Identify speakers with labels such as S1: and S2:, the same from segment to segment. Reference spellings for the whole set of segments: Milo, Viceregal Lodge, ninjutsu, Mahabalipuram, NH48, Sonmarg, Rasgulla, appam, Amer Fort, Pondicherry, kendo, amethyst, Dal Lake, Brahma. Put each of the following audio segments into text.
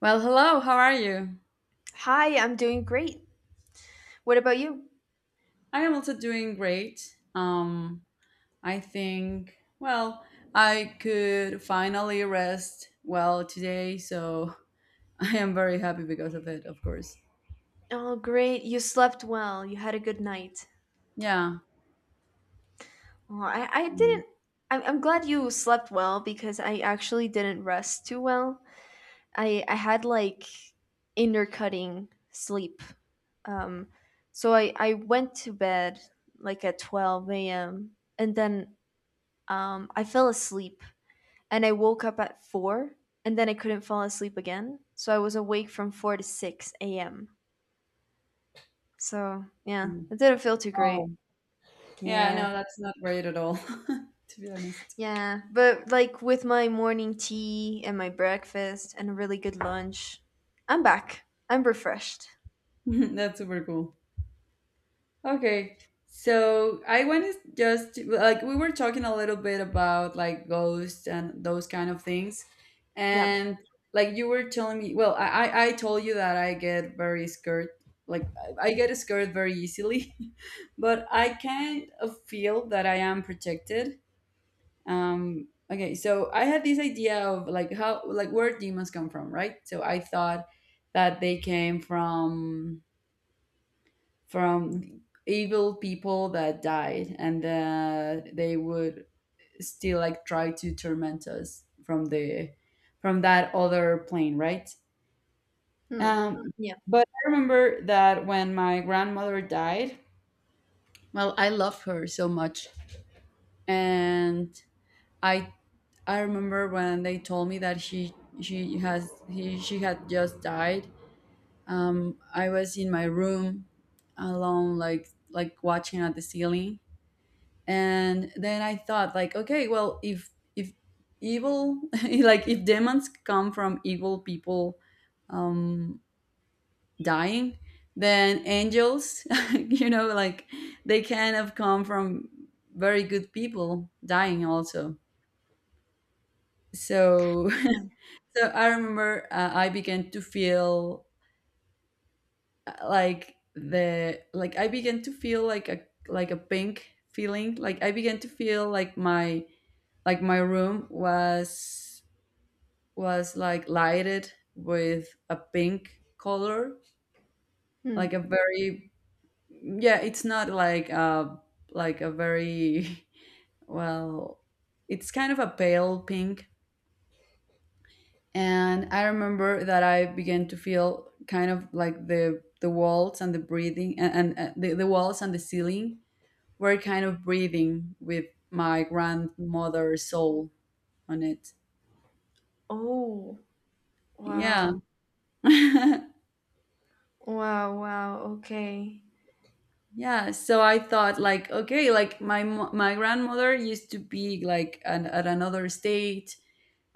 S1: Well, hello, how are you?
S2: Hi, I'm doing great. What about you?
S1: I am also doing great. I think, I could finally rest well today, so I am very happy because of it, of course.
S2: Oh, great. You slept well. You had a good night.
S1: Yeah.
S2: Oh, I
S1: Mm,
S2: didn't. I'm glad you slept well because I actually didn't rest too well. I had like intercutting sleep. Um, so I went to bed like at 12 a.m. and then I fell asleep and I woke up at 4, and then I couldn't fall asleep again. So I was awake from 4 to 6 a.m. So yeah,
S1: mm.
S2: it didn't feel too
S1: Oh,
S2: great.
S1: yeah,
S2: Yeah.
S1: no, that's not great at all, to be honest.
S2: Yeah, but like with my morning tea and my breakfast and a really good lunch, I'm back. I'm refreshed.
S1: That's super cool. Okay. So I want to just like we were talking a little bit about like ghosts and those kind of things.
S2: Yeah.
S1: And like you were telling me, well, I told you that I get very scared. Like I get scared very easily, but I kind of feel that I am protected. Okay, so I had this idea of like how like where demons come from, right? So I thought that they came from from evil people that died, and they would still like try to torment us from the from that other plane, right?
S2: Hmm.
S1: um
S2: Yeah.
S1: but I remember that when my grandmother died, well, I love her so much, and i I remember when they told me that she had just died. I was in my room alone, like watching at the ceiling. And then I thought like, okay, well, if evil, like if demons come from evil people um dying, then angels, you know, like they can have come from very good people dying also, so.
S2: Yeah.
S1: So I remember, I began to feel, like the like I began to feel like a, like a pink feeling, like I began to feel like my room was like lighted with a pink color,
S2: Hmm.
S1: like a very, yeah, it's not like a, like a very, well, it's kind of a pale pink. And I remember that I began to feel kind of like the walls and the breathing, the walls and the ceiling were kind of breathing with my grandmother's soul on it.
S2: Oh,
S1: Yeah.
S2: wow. Wow, wow. Okay.
S1: Yeah, so I thought like, okay, like my grandmother used to be like an, at another state,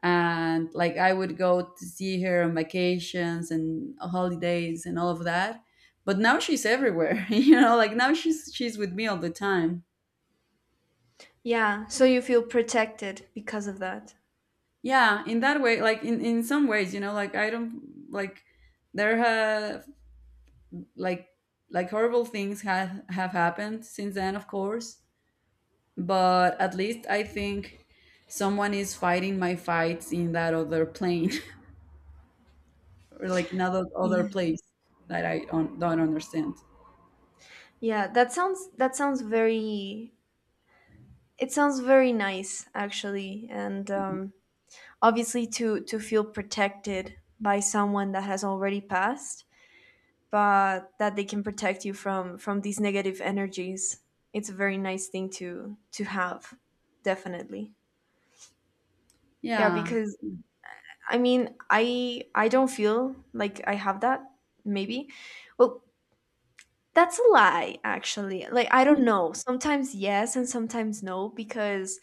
S1: and like I would go to see her on vacations and holidays and all of that. But now she's everywhere, you know. Like now she's with me all the time.
S2: Yeah. So you feel protected because of that.
S1: Yeah, in that way, like in some ways, you know, like I don't, like there have, like like horrible things have happened since then, of course, but at least I think someone is fighting my fights in that other plane, or like in other
S2: Yeah.
S1: place that I don't understand.
S2: Yeah, that sounds, that sounds very, it sounds very nice actually. And obviously to feel protected by someone that has already passed, but that they can protect you from these negative energies, it's a very nice thing to have, definitely. Yeah,
S1: Yeah.
S2: because I mean I don't feel like I have that. Maybe, well, that's a lie actually. Like I don't know, sometimes yes and sometimes no, because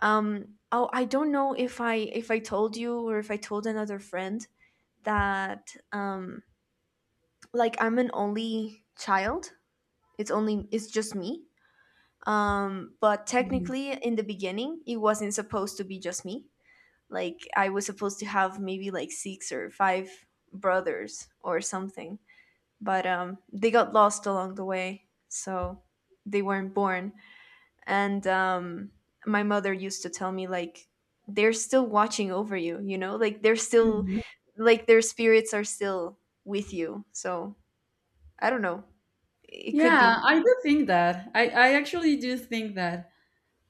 S2: oh, I don't know if I told you or if I told another friend that like I'm an only child. It's only, it's just me. But
S1: Mhm.
S2: technically, in the beginning, it wasn't supposed to be just me. Like, I was supposed to have maybe like six or five brothers or something. But they got lost along the way. So they weren't born. And my mother used to tell me, like, they're still watching over you, you know? Like, they're still,
S1: Mhm.
S2: like, their spirits are still with you. So I don't know. It could
S1: Yeah,
S2: be.
S1: I do think that. I actually do think that.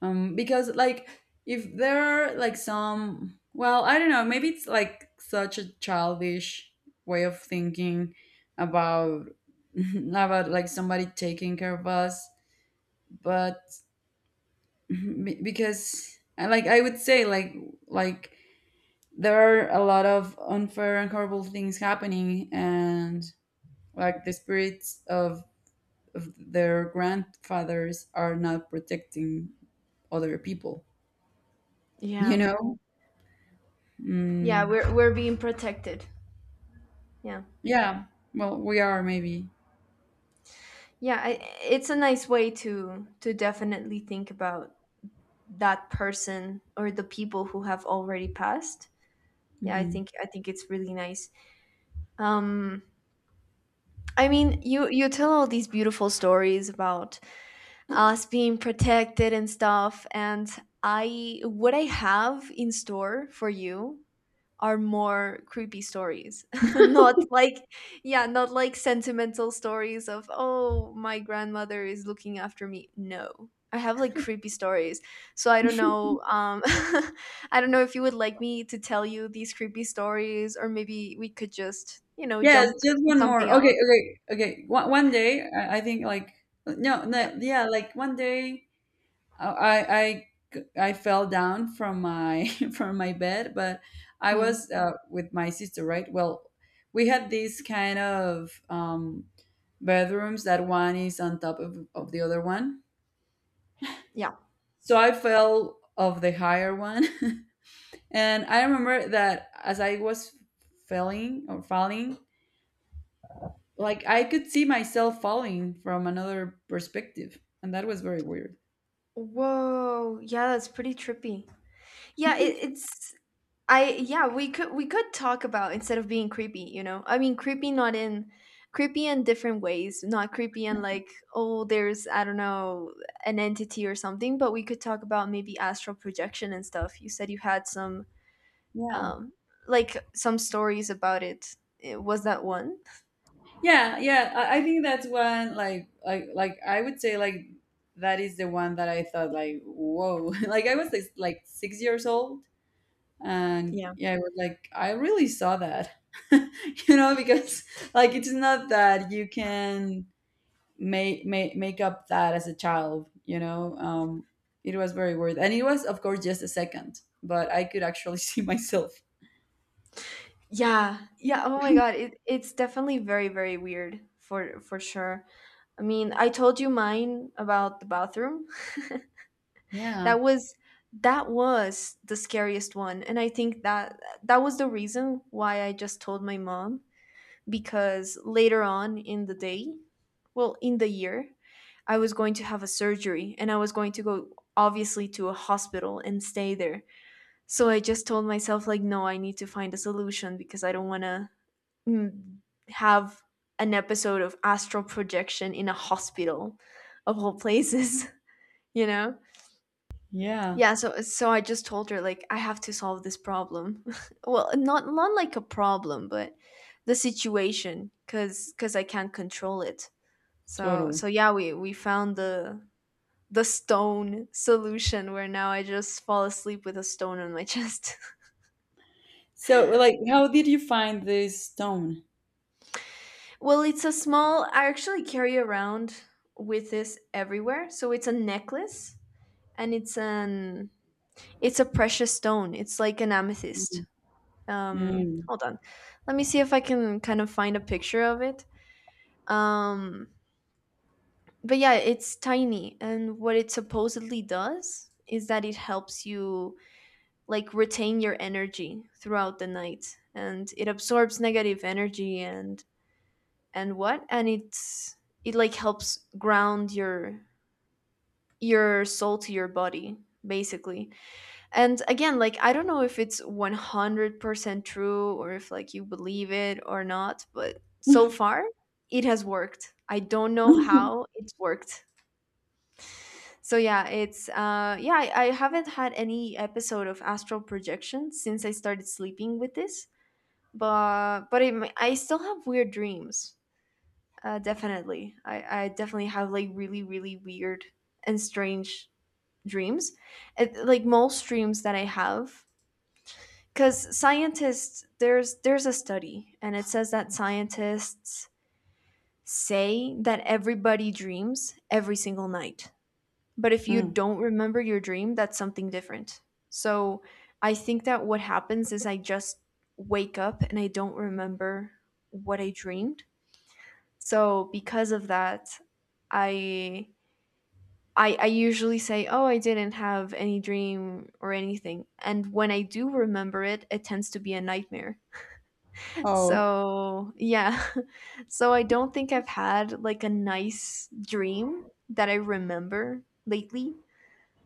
S1: Because like if there are like some, well, I don't know, maybe it's like such a childish way of thinking about, about like somebody taking care of us, but Be- because like I would say like there are a lot of unfair and horrible things happening, and like the spirits of their grandfathers are not protecting other people, you
S2: Yeah.
S1: know.
S2: Yeah,
S1: mm,
S2: we're being protected. Yeah.
S1: yeah, well, we are, maybe.
S2: Yeah, I, it's a nice way to definitely think about that person or the people who have already passed. Yeah, I
S1: Hmm.
S2: think it's really nice. Um, I mean, you tell all these beautiful stories about us being protected and stuff, and I, what I have in store for you are more creepy stories. Not like, yeah, not like sentimental stories of oh my grandmother is looking after me. No, I have like creepy stories, so I don't know. I don't know if you would like me to tell you these creepy stories, or maybe we could just, you know,
S1: Yes,
S2: jump
S1: just
S2: to
S1: one
S2: something
S1: more. Okay,
S2: else.
S1: okay, okay. One, one day I think like, no,
S2: Yeah.
S1: no, yeah, like one day I I fell down from my from my bed, but I
S2: Hmm.
S1: was, with my sister, right? Well, we had these kind of, bedrooms that one is on top of the other one.
S2: Yeah.
S1: So I fell of the higher one, and I remember that as I was falling or falling, like I could see myself falling from another perspective, and that was very weird.
S2: Whoa, yeah, that's pretty trippy. Yeah, it's I, yeah, we could, we could talk about, instead of being creepy, you know. I mean, creepy not in, creepy in different ways, not creepy and like oh, there's, I don't know, an entity or something, but we could talk about maybe astral projection and stuff. You said you had some
S1: Yeah.
S2: um like some stories about it. Eh, was that one?
S1: Yeah. I think that's one, like I would say like that is the one that I thought like whoa, like I was like 6 years old. And
S2: Yeah.
S1: yeah, I was like, I really saw that, you know, because like it's not that you can make up that as a child, you know. It was very weird, and it was of course just a second, but I could actually see myself.
S2: Yeah. Yeah, oh my God, it's definitely very very weird for sure. I mean, I told you mine about the bathroom.
S1: Yeah,
S2: That was, that was the scariest one, and I think that that was the reason why I just told my mom, because later on in the day, well, in the year, I was going to have a surgery and I was going to go obviously to a hospital and stay there. So I just told myself like, no, I need to find a solution, because I don't want to, mm, have an episode of astral projection in a hospital, of all places. You know.
S1: yeah,
S2: Yeah, so so I just told her like, I have to solve this problem. Well, not, not like a problem, but the situation, cuz I can't control it. So
S1: totally.
S2: so yeah, we found the stone solution where now I just fall asleep with a stone on my chest.
S1: So like, how did you find this stone?
S2: Well, it's a small, I actually carry around with this everywhere. So it's a necklace, and it's an, it's a precious stone. It's like an amethyst.
S1: Mhm. Mm.
S2: Hold on, let me see if I can kind of find a picture of it. um but yeah, it's tiny, and what it supposedly does is that it helps you like retain your energy throughout the night, and it absorbs negative energy, and what and it's, it like helps ground your soul to your body, basically. And again, like I don't know if it's 100% true or if like you believe it or not, but so far it has worked. I don't know how it's worked. So yeah, it's yeah, I haven't had any episode of astral projection since I started sleeping with this, but it, ma- I still have weird dreams. Definitely, I definitely have like really really weird and strange dreams. It, like most dreams that I have, because scientists, there's a study and it says that scientists say that everybody dreams every single night, but if you
S1: Mm.
S2: don't remember your dream, that's something different. So I think that what happens is I just wake up and I don't remember what I dreamed. So because of that, I, I usually say, oh, I didn't have any dream or anything. And when I do remember it, it tends to be a nightmare.
S1: Oh,
S2: So, yeah. So I don't think I've had like a nice dream that I remember lately.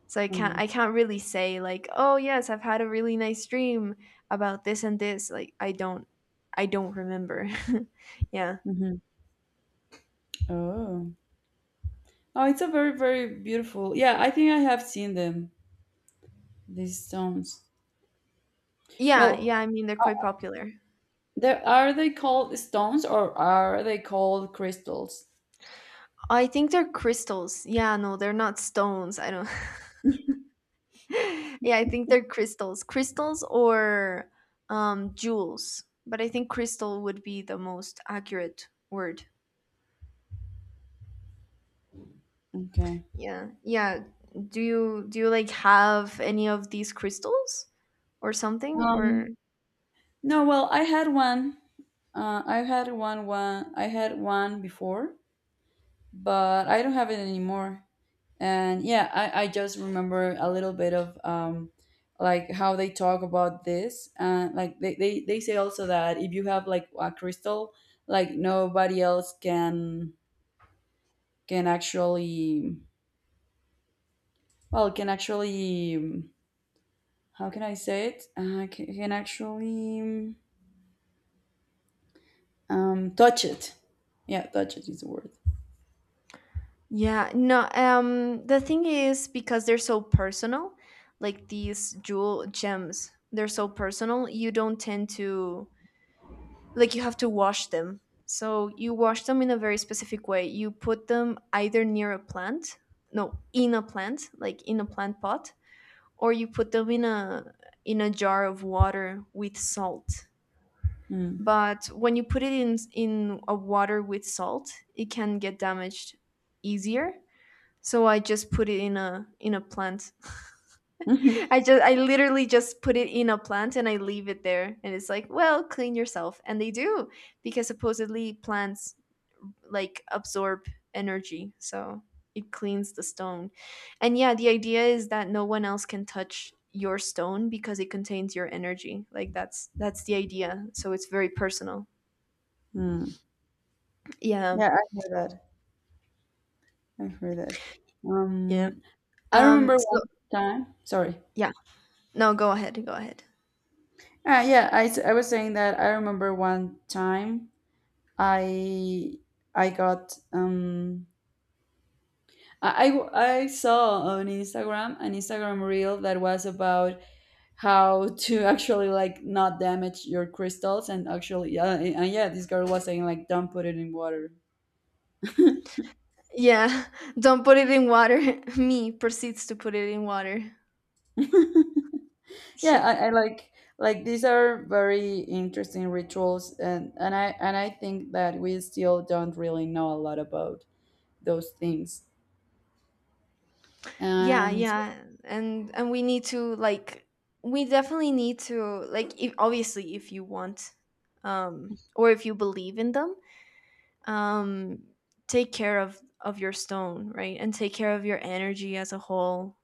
S2: So I can't,
S1: okay.
S2: I can't really say like, "Oh, yes, I've had a really nice dream about this and this." Like I don't, I don't remember. Yeah.
S1: Hmm. Oh. Oh, it's a very, very beautiful. Yeah, I think I have seen them, these stones.
S2: Yeah,
S1: Well,
S2: yeah, I mean they're quite
S1: uh,
S2: popular.
S1: there are they called stones, or are they called crystals?
S2: I think they're crystals. Yeah, no, they're not stones. I don't, yeah, I think they're crystals, crystals or jewels. But I think crystal would be the most accurate word.
S1: Okay.
S2: Yeah, yeah. Do you like have any of these crystals or something, or?
S1: Um, no, well, I had one. I had one before, but I don't have it anymore. And yeah, I just remember a little bit of, like how they talk about this, and like they say also that if you have like a crystal, like nobody else can actually well can actually, how can I say it, can actually, touch it. Yeah, touch it is the word.
S2: Yeah, no. The thing is because they're so personal, like these jewel gems, they're so personal. You don't tend to like, you have to wash them. So you wash them in a very specific way. You put them either near a plant, no, in a plant, like in a plant pot, or you put them in a, in a jar of water with salt.
S1: Mm.
S2: But when you put it in a water with salt, it can get damaged easier. So I just put it in a, in a plant. I just I literally just put it in a plant and I leave it there, and it's like, well, clean yourself. And they do, because supposedly plants like absorb energy. So it cleans the stone. And yeah, the idea is that no one else can touch your stone because it contains your energy. Like that's the idea. So it's very personal.
S1: Mm.
S2: Yeah.
S1: Yeah, I hear that. I hear that.
S2: Yeah.
S1: um, I remember
S2: Um so
S1: one time, sorry.
S2: yeah. No, go ahead. Go ahead.
S1: Yeah, I was saying that I remember one time I I got, I saw on Instagram an Instagram reel that was about how to actually like not damage your crystals. And actually, yeah, and yeah, this girl was saying like don't put it in water.
S2: Yeah. Don't put it in water. Me proceeds to put it in water.
S1: Yeah, I like these are very interesting rituals, and I think that we still don't really know a lot about those things,
S2: Yeah,
S1: and.
S2: yeah, and we need to like, we definitely need to like, if, obviously if you want or if you believe in them, um take care of your stone, right, and take care of your energy as a whole.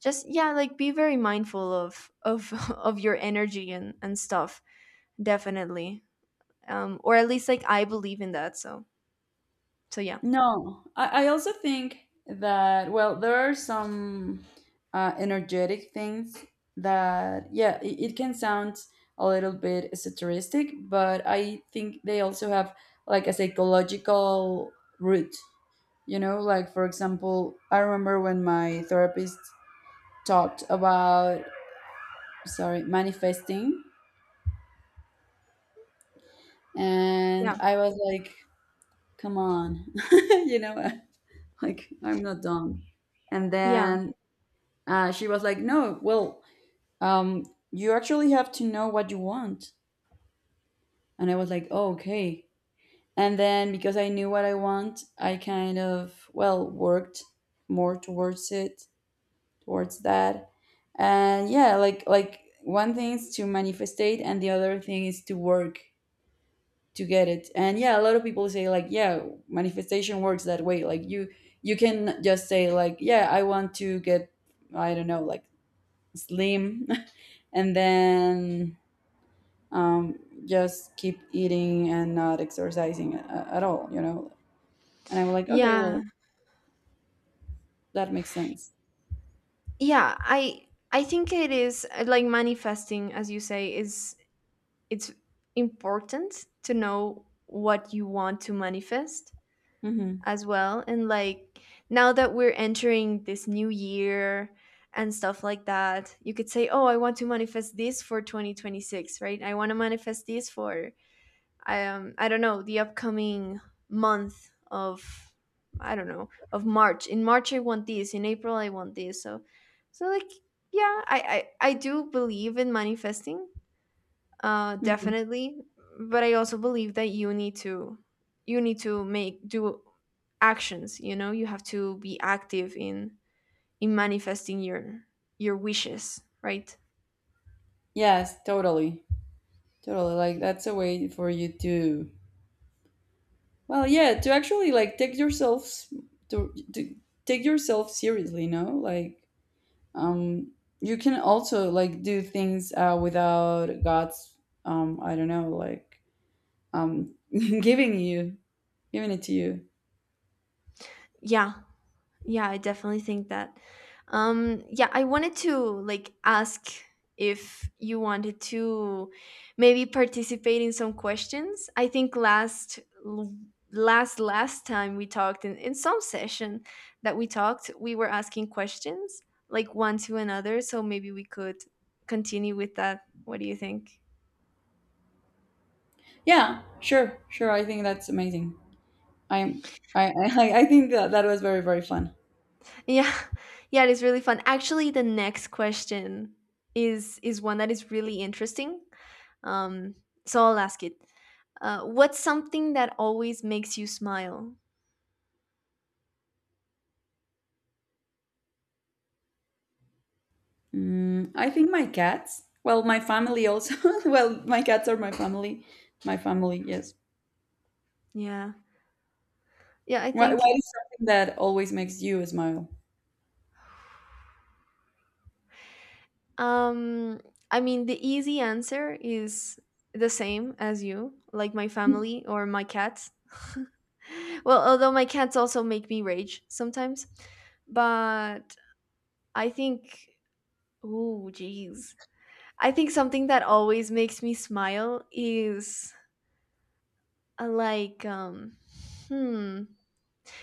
S2: Just yeah, like be very mindful of of your energy and stuff, definitely. Or at least like I believe in that, so so yeah.
S1: No, I also think that, well, there are some, energetic things that, yeah, it can sound a little bit esoteric, but I think they also have like a psychological root, you know? Like, for example, I remember when my therapist talked about, sorry, manifesting, and
S2: Yeah.
S1: I was like, come on, you know, like, I'm not dumb. And
S2: Yeah.
S1: then, she was like, no, well, um, you actually have to know what you want. And I was like, oh, okay. And then because I knew what I want, I kind of, well, worked more towards it, towards that. And yeah, like one thing is to manifestate and the other thing is to work to get it. And yeah, a lot of people say like, yeah, manifestation works that way. Like you can just say like, yeah, I want to get, I don't know, like slim, and then, um, just keep eating and not exercising at all, you know. And I'm like, okay,
S2: Yeah.
S1: well, that makes sense.
S2: Yeah, I think it is like manifesting, as you say, is it's important to know what you want to manifest
S1: Hmm.
S2: as well. And like now that we're entering this new year and stuff like that, you could say oh, I want to manifest this for 2026, right, I want to manifest this for, I don't know, the upcoming month of, I don't know, of March. In March I want this. In April I want this. So so like, yeah, I I do believe in manifesting.
S1: Hmm.
S2: Definitely, but I also believe that you need to, you need to make, do actions. You know, you have to be active in manifesting your wishes. Right?
S1: Yes, totally. Totally, like that's a way for you to, well, yeah, to actually like take yourselves to take yourself seriously, no? Like, um you can also like do things, without god's, I don't know, like, um giving you giving it to you.
S2: Yeah. Yeah, I definitely think that. Yeah, I wanted to like ask if you wanted to maybe participate in some questions. I think last, last time we talked in some session that we talked, we were asking questions like one to another, so maybe we could continue with that. What do you think?
S1: Yeah, sure, sure. I think that's amazing. I'm, I, I think that, that was very, very fun.
S2: Yeah. Yeah, it is really fun. Actually, the next question is one that is really interesting. Um, so I'll ask it. What's something that always makes you smile?
S1: Mm, I think my cats. Well, my family also. Well, my cats are my family. My family, yes.
S2: Yeah. Yeah, I
S1: Why
S2: think
S1: is something that always makes you smile?
S2: um I mean the easy answer is the same as you, like my family or my cats. Well, although my cats also make me rage sometimes, but I think ooh, jeez. I think something that always makes me smile is uh, like um hmm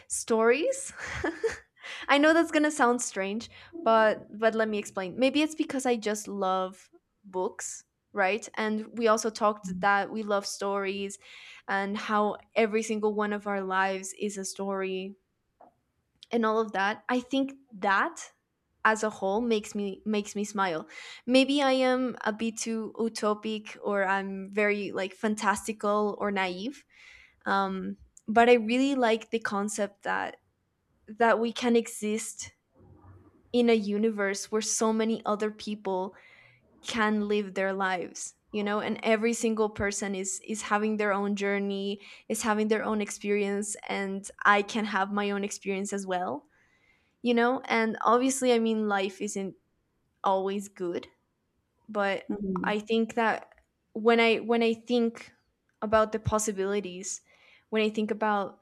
S2: stories. I know that's gonna sound strange, but let me explain. Maybe it's because I just love books, right? And we also talked that we love stories, and how every single one of our lives is a story, and all of that. I think that as a whole makes me smile. Maybe I am a bit too utopic, or I'm very like fantastical or naive. um, but I really like the concept that we can exist in a universe where so many other people can live their lives and every single person is having their own journey, is having their own experience, and I can have my own experience as well. And obviously, I mean, life isn't always good. But
S1: Mhm.
S2: I think that when I think about the possibilities, when I think about,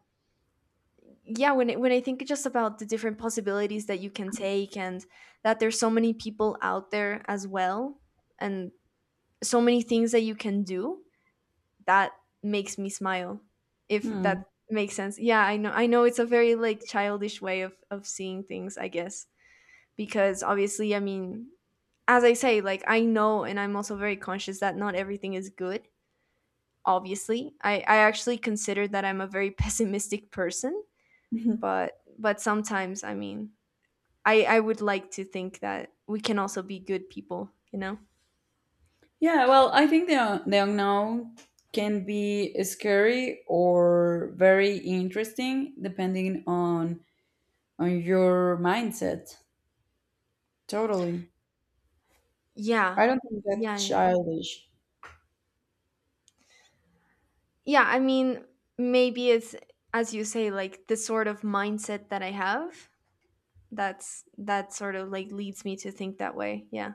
S2: yeah, when I think just about the different possibilities that you can take, and that there's so many people out there as well, and so many things that you can do, that makes me smile, if
S1: Hmm.
S2: that makes sense. Yeah, I know it's a very like childish way of seeing things, I guess. Because obviously, I mean, as I say, like, I know, and I'm also very conscious that not everything is good. Obviously, I actually consider that I'm a very pessimistic person. But sometimes, I mean, I would like to think that we can also be good people, you know?
S1: Yeah, well, I think the unknown can be scary or very interesting depending on your mindset. Totally.
S2: Yeah.
S1: I don't think
S2: Yeah,
S1: that's
S2: yeah.
S1: childish.
S2: Yeah, I mean, maybe it's, as you say, like, the sort of mindset that I have. That's that sort of like leads me to think that way. Yeah.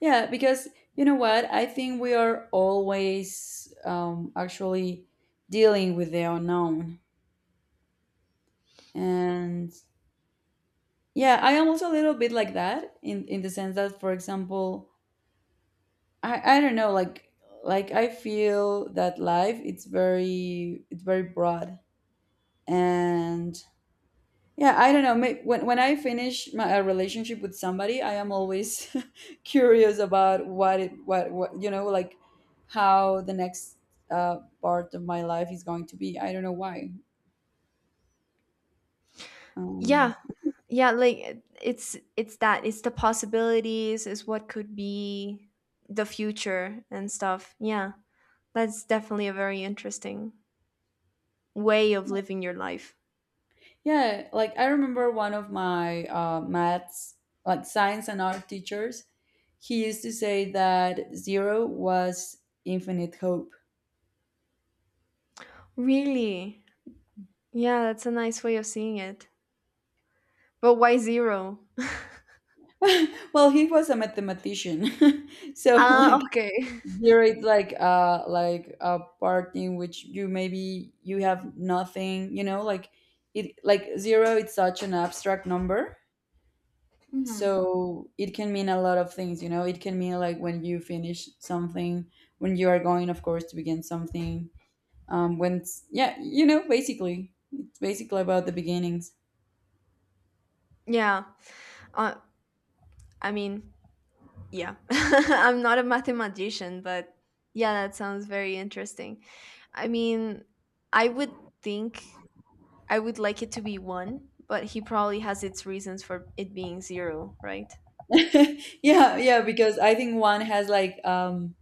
S1: Yeah, because you know what? I think we are always, actually dealing with the unknown. And yeah, I am also a little bit like that in the sense that, for example, I don't know, like I feel that life, it's very broad. And yeah, I don't know, when I finish my a relationship with somebody, I am always curious about what it what, you know, like how the next, part of my life is going to be, I don't know why. um,
S2: Yeah. Yeah, like it's that, it's the possibilities, is what could be the future and stuff. Yeah. That's definitely a very interesting way of living your life.
S1: Yeah, like I remember one of my, maths, like science and art teachers, he used to say that zero was infinite hope.
S2: Really? Yeah, that's a nice way of seeing it. But why zero?
S1: Well, he was a mathematician, so
S2: Ah,
S1: like
S2: okay.
S1: zero is like, like a part in which you maybe you have nothing, you know, like it like zero. It's such an abstract number, so it can mean a lot of things, you know. It can mean like when you finish something, when you are going, of course, to begin something, when it's, yeah, you know, basically it's basically about the beginnings.
S2: Yeah. Uh, I mean, yeah. I'm not a mathematician, but yeah, that sounds very interesting. I mean, I would think I would like it to be one, but he probably has its reasons for it being zero, right?
S1: Yeah, yeah, because I think one has like,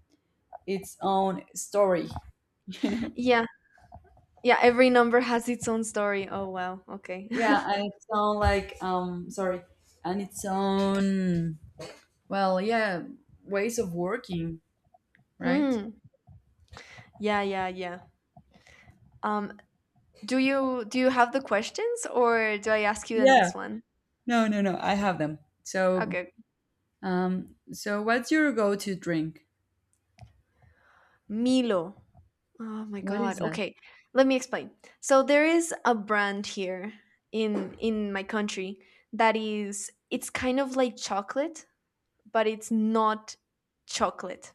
S1: its own story, you know.
S2: Yeah. Yeah, every number has its own story. Oh wow. Okay.
S1: Yeah, and its own like, sorry, and its own, well, yeah, ways of working, right?
S2: Hmm. Yeah, yeah, yeah. Um, do you have the questions, or do I ask you the
S1: Yeah,
S2: next one?
S1: no no no I have them, so.
S2: Okay.
S1: So what's your go-to drink?
S2: Milo. Oh my
S1: What is
S2: god.
S1: that?
S2: Okay, let me explain. So there is a brand here in my country that is, it's kind of like chocolate, but it's not chocolate.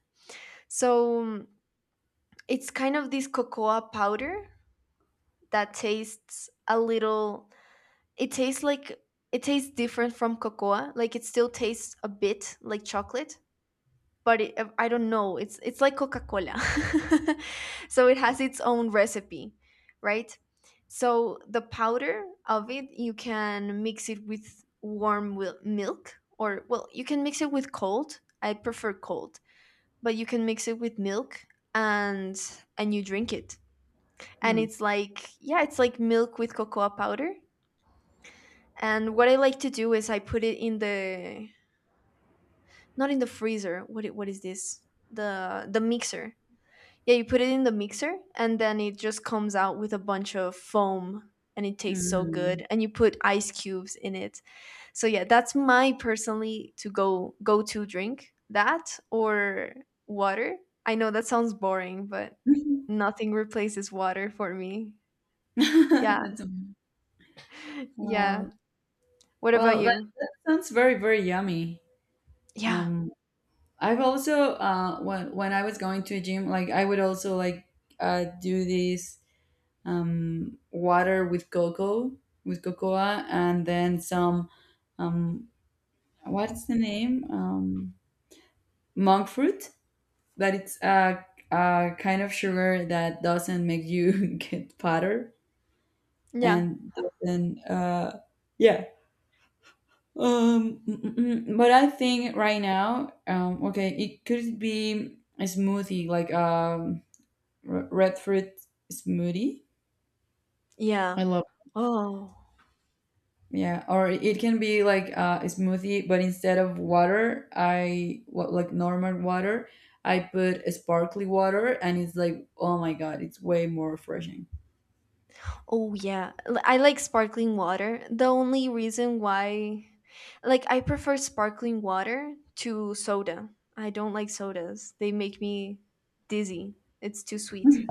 S2: So, it's kind of this cocoa powder that tastes a little, it tastes like, it tastes different from cocoa. Like, it still tastes a bit like chocolate, but it, I don't know. It's like Coca-Cola. So it has its own recipe, right? So the powder of it, you can mix it with warm milk, or well, you can mix it with cold. I prefer cold, but you can mix it with milk, and you drink it. And
S1: Hmm.
S2: it's like, yeah, it's like milk with cocoa powder. And what I like to do is I put it in the, not in the freezer. What is this? The mixer. Yeah, you put it in the mixer, and then it just comes out with a bunch of foam, and it tastes so
S1: Mm.
S2: good, and you put ice cubes in it. So yeah, that's my personally to go to drink. That or water. I know that sounds boring, but nothing replaces water for me. Yeah.
S1: That's,
S2: Yeah.
S1: um,
S2: What about
S1: well, that,
S2: you?
S1: that sounds very, very yummy.
S2: Yeah.
S1: Um, I've also, when I was going to a gym, like I would also like, do this, water with cocoa, and then some, um, what's the name? Monk fruit, but it's a kind of sugar that doesn't make you get fatter
S2: Yeah.
S1: and doesn't, yeah um mm, mm, mm. But I think right now, okay, it could be a smoothie like, red fruit smoothie, I
S2: Yeah.
S1: love.
S2: Oh.
S1: Yeah, or it can be like, a smoothie, but instead of water I what like normal water, I put a sparkly water, and it's like, oh my god, it's way more refreshing.
S2: Oh yeah, I like sparkling water. The only reason why, like, I prefer sparkling water to soda. I don't like sodas. They make me dizzy. It's too sweet.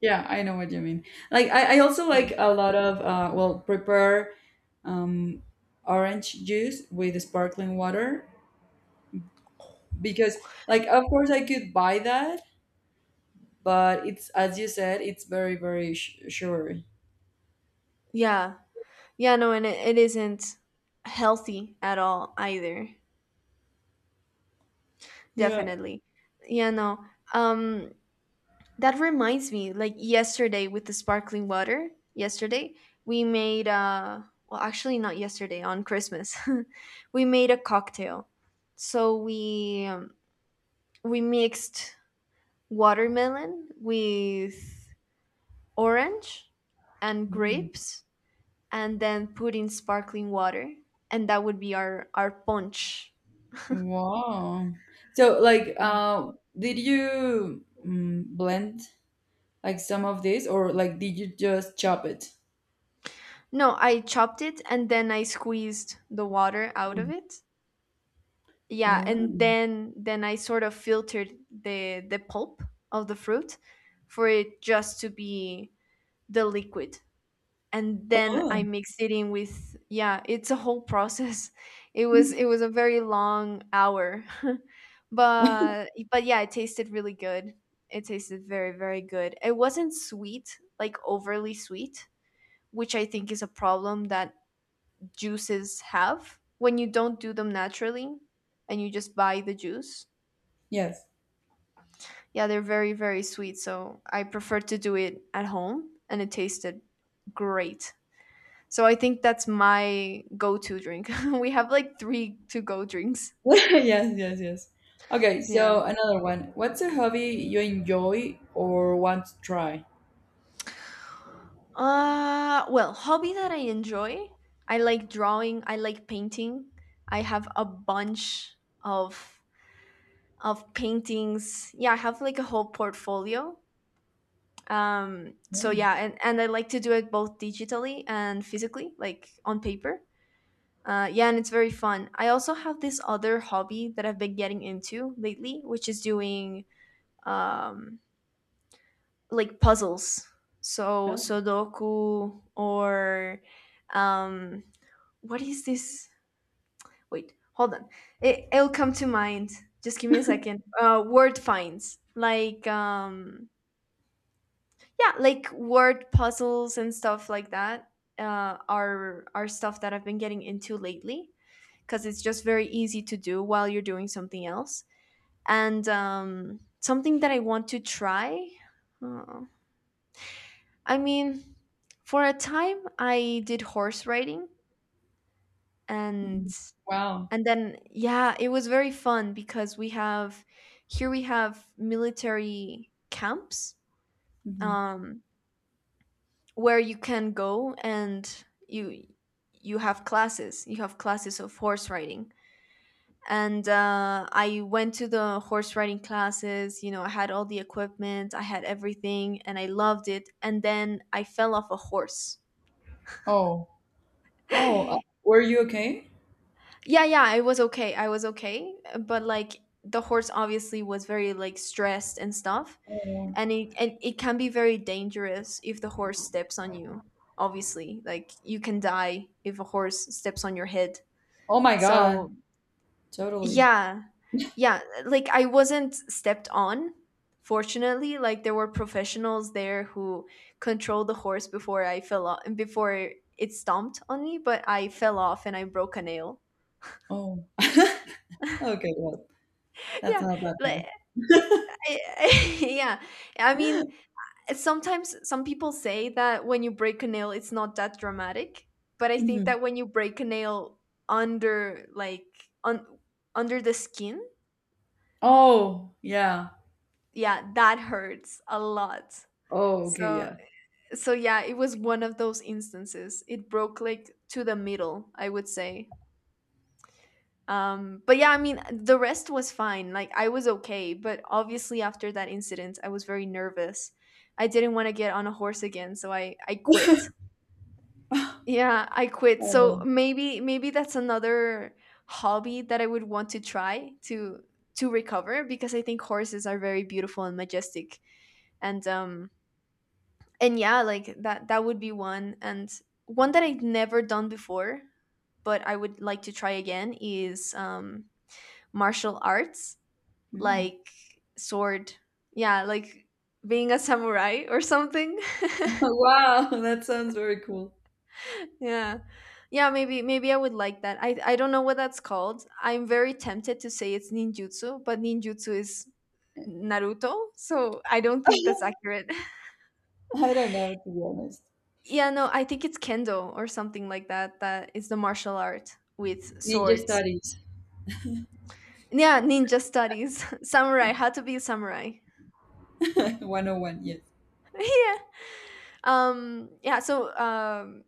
S1: Yeah, I know what you mean. Like I also
S2: Yeah,
S1: like a lot of, well prepare, um orange juice with sparkling water, because like of course I could buy that, but it's as you said, it's very sure.
S2: yeah, yeah. No, and it isn't healthy at all either.
S1: Yeah.
S2: Definitely. Yeah, no. Um, That reminds me, like yesterday with the sparkling water, yesterday we made well, actually not yesterday, on Christmas. We made a cocktail. So we, we mixed watermelon with orange and
S1: Mm.
S2: grapes, and then put in sparkling water, and that would be our punch.
S1: Wow. So like, did you, blend like some of this, or like did you just chop it?
S2: No, I chopped it, and then I squeezed the water out of
S1: Mm.
S2: it. Yeah, and
S1: Oh.
S2: then I sort of filtered the pulp of the fruit, for it just to be the liquid, and then I
S1: Oh.
S2: mixed it in with, yeah, it's a whole process. It was a very long hour. But yeah, it tasted really good. It tasted very, very good. It wasn't sweet, like overly sweet, which I think is a problem that juices have when you don't do them naturally and you just buy the juice.
S1: Yes.
S2: Yeah, they're very, very sweet. So I prefer to do it at home, and it tasted great. So I think that's my go to drink. We have like three to go drinks.
S1: Yes, yes, yes. Okay,
S2: Yeah.
S1: so another one. What's a hobby you enjoy or want to try?
S2: Uh, well, hobby that I enjoy. I like drawing, I like painting. I have a bunch of paintings. Yeah, I have like a whole portfolio. Um, so
S1: Oh,
S2: yeah, and I like to do it both digitally and physically, like on paper. Yeah, and it's very fun. I also have this other hobby that I've been getting into lately, which is doing, um, like, puzzles. So
S1: oh,
S2: Sudoku or, um, what is this? Wait, hold on. It'll come to mind. Just give me a second. Word finds, like, yeah, like word puzzles and stuff like that. Are stuff that I've been getting into lately, because it's just very easy to do while you're doing something else. And, something that I want to try. Uh, I mean, for a time I did horse riding, and
S1: mhm. Wow.
S2: then, yeah, it was very fun, because we have, here we have military camps,
S1: Mhm.
S2: um, where you can go, and you have classes. You have classes of horse riding, and I went to the horse riding classes, you know, I had all the equipment, I had everything, and I loved it. And then I fell off a horse.
S1: Oh, oh,
S2: Yeah.
S1: were you okay?
S2: Yeah, I was okay, I was okay, but like, the horse obviously was very like stressed and stuff,
S1: Oh,
S2: and it can be very dangerous if the horse steps on you. Obviously, like, you can die if a horse steps on your head.
S1: oh my God,
S2: So
S1: totally.
S2: yeah. Yeah, like, I wasn't stepped on, fortunately. Like, there were professionals there who controlled the horse before I fell off, before it stomped on me. But I fell off and I broke a nail.
S1: Oh, okay, well, that's
S2: Yeah,
S1: not that
S2: like,
S1: bad.
S2: I, yeah, I mean, sometimes some people say that when you break a nail, it's not that dramatic. But I think
S1: Mhm.
S2: that when you break a nail under like, on, under the skin,
S1: Oh, yeah.
S2: yeah, that hurts a lot.
S1: Oh, okay,
S2: So,
S1: yeah.
S2: so yeah, it was one of those instances. It broke like to the middle, I would say. Um, but yeah, I mean, the rest was fine, like I was okay. But obviously after that incident, I was very nervous. I didn't want to get on a horse again, so I quit. Yeah, I quit.
S1: Oh,
S2: So maybe, maybe that's another hobby that I would want to try to recover, because I think horses are very beautiful and majestic. And, um, and yeah, like, that that would be one. And one that I've never done before, but I would like to try again, is, um, martial arts.
S1: mhm.
S2: Like, sword. Yeah, like being a samurai or something.
S1: Wow, that sounds very cool.
S2: Yeah. Yeah, maybe, maybe I would like that. I don't know what that's called. I'm very tempted to say it's ninjutsu, but ninjutsu is Naruto, so I don't think that's accurate.
S1: I don't know, to be honest.
S2: Yeah, no, I think it's kendo or something like that. That is the martial art with
S1: Ninja
S2: swords.
S1: Studies
S2: Yeah, ninja studies, samurai, how to be a samurai.
S1: 101, yes.
S2: Yeah. Yeah. So,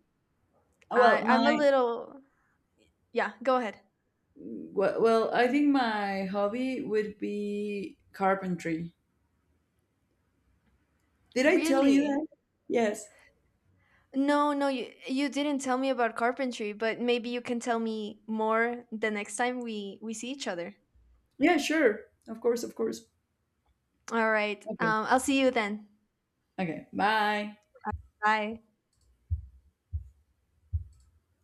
S1: Uh,
S2: I
S1: Well,
S2: I'm a
S1: my
S2: little. Yeah. Go ahead.
S1: well, well, I think my hobby would be carpentry. Did I tell you
S2: Really?
S1: that? Yes.
S2: No, no, you didn't tell me about carpentry, but maybe you can tell me more the next time we see each other.
S1: Yeah, sure. Of course, of course.
S2: All right.
S1: Okay.
S2: I'll see you then.
S1: Okay. Bye.
S2: Bye.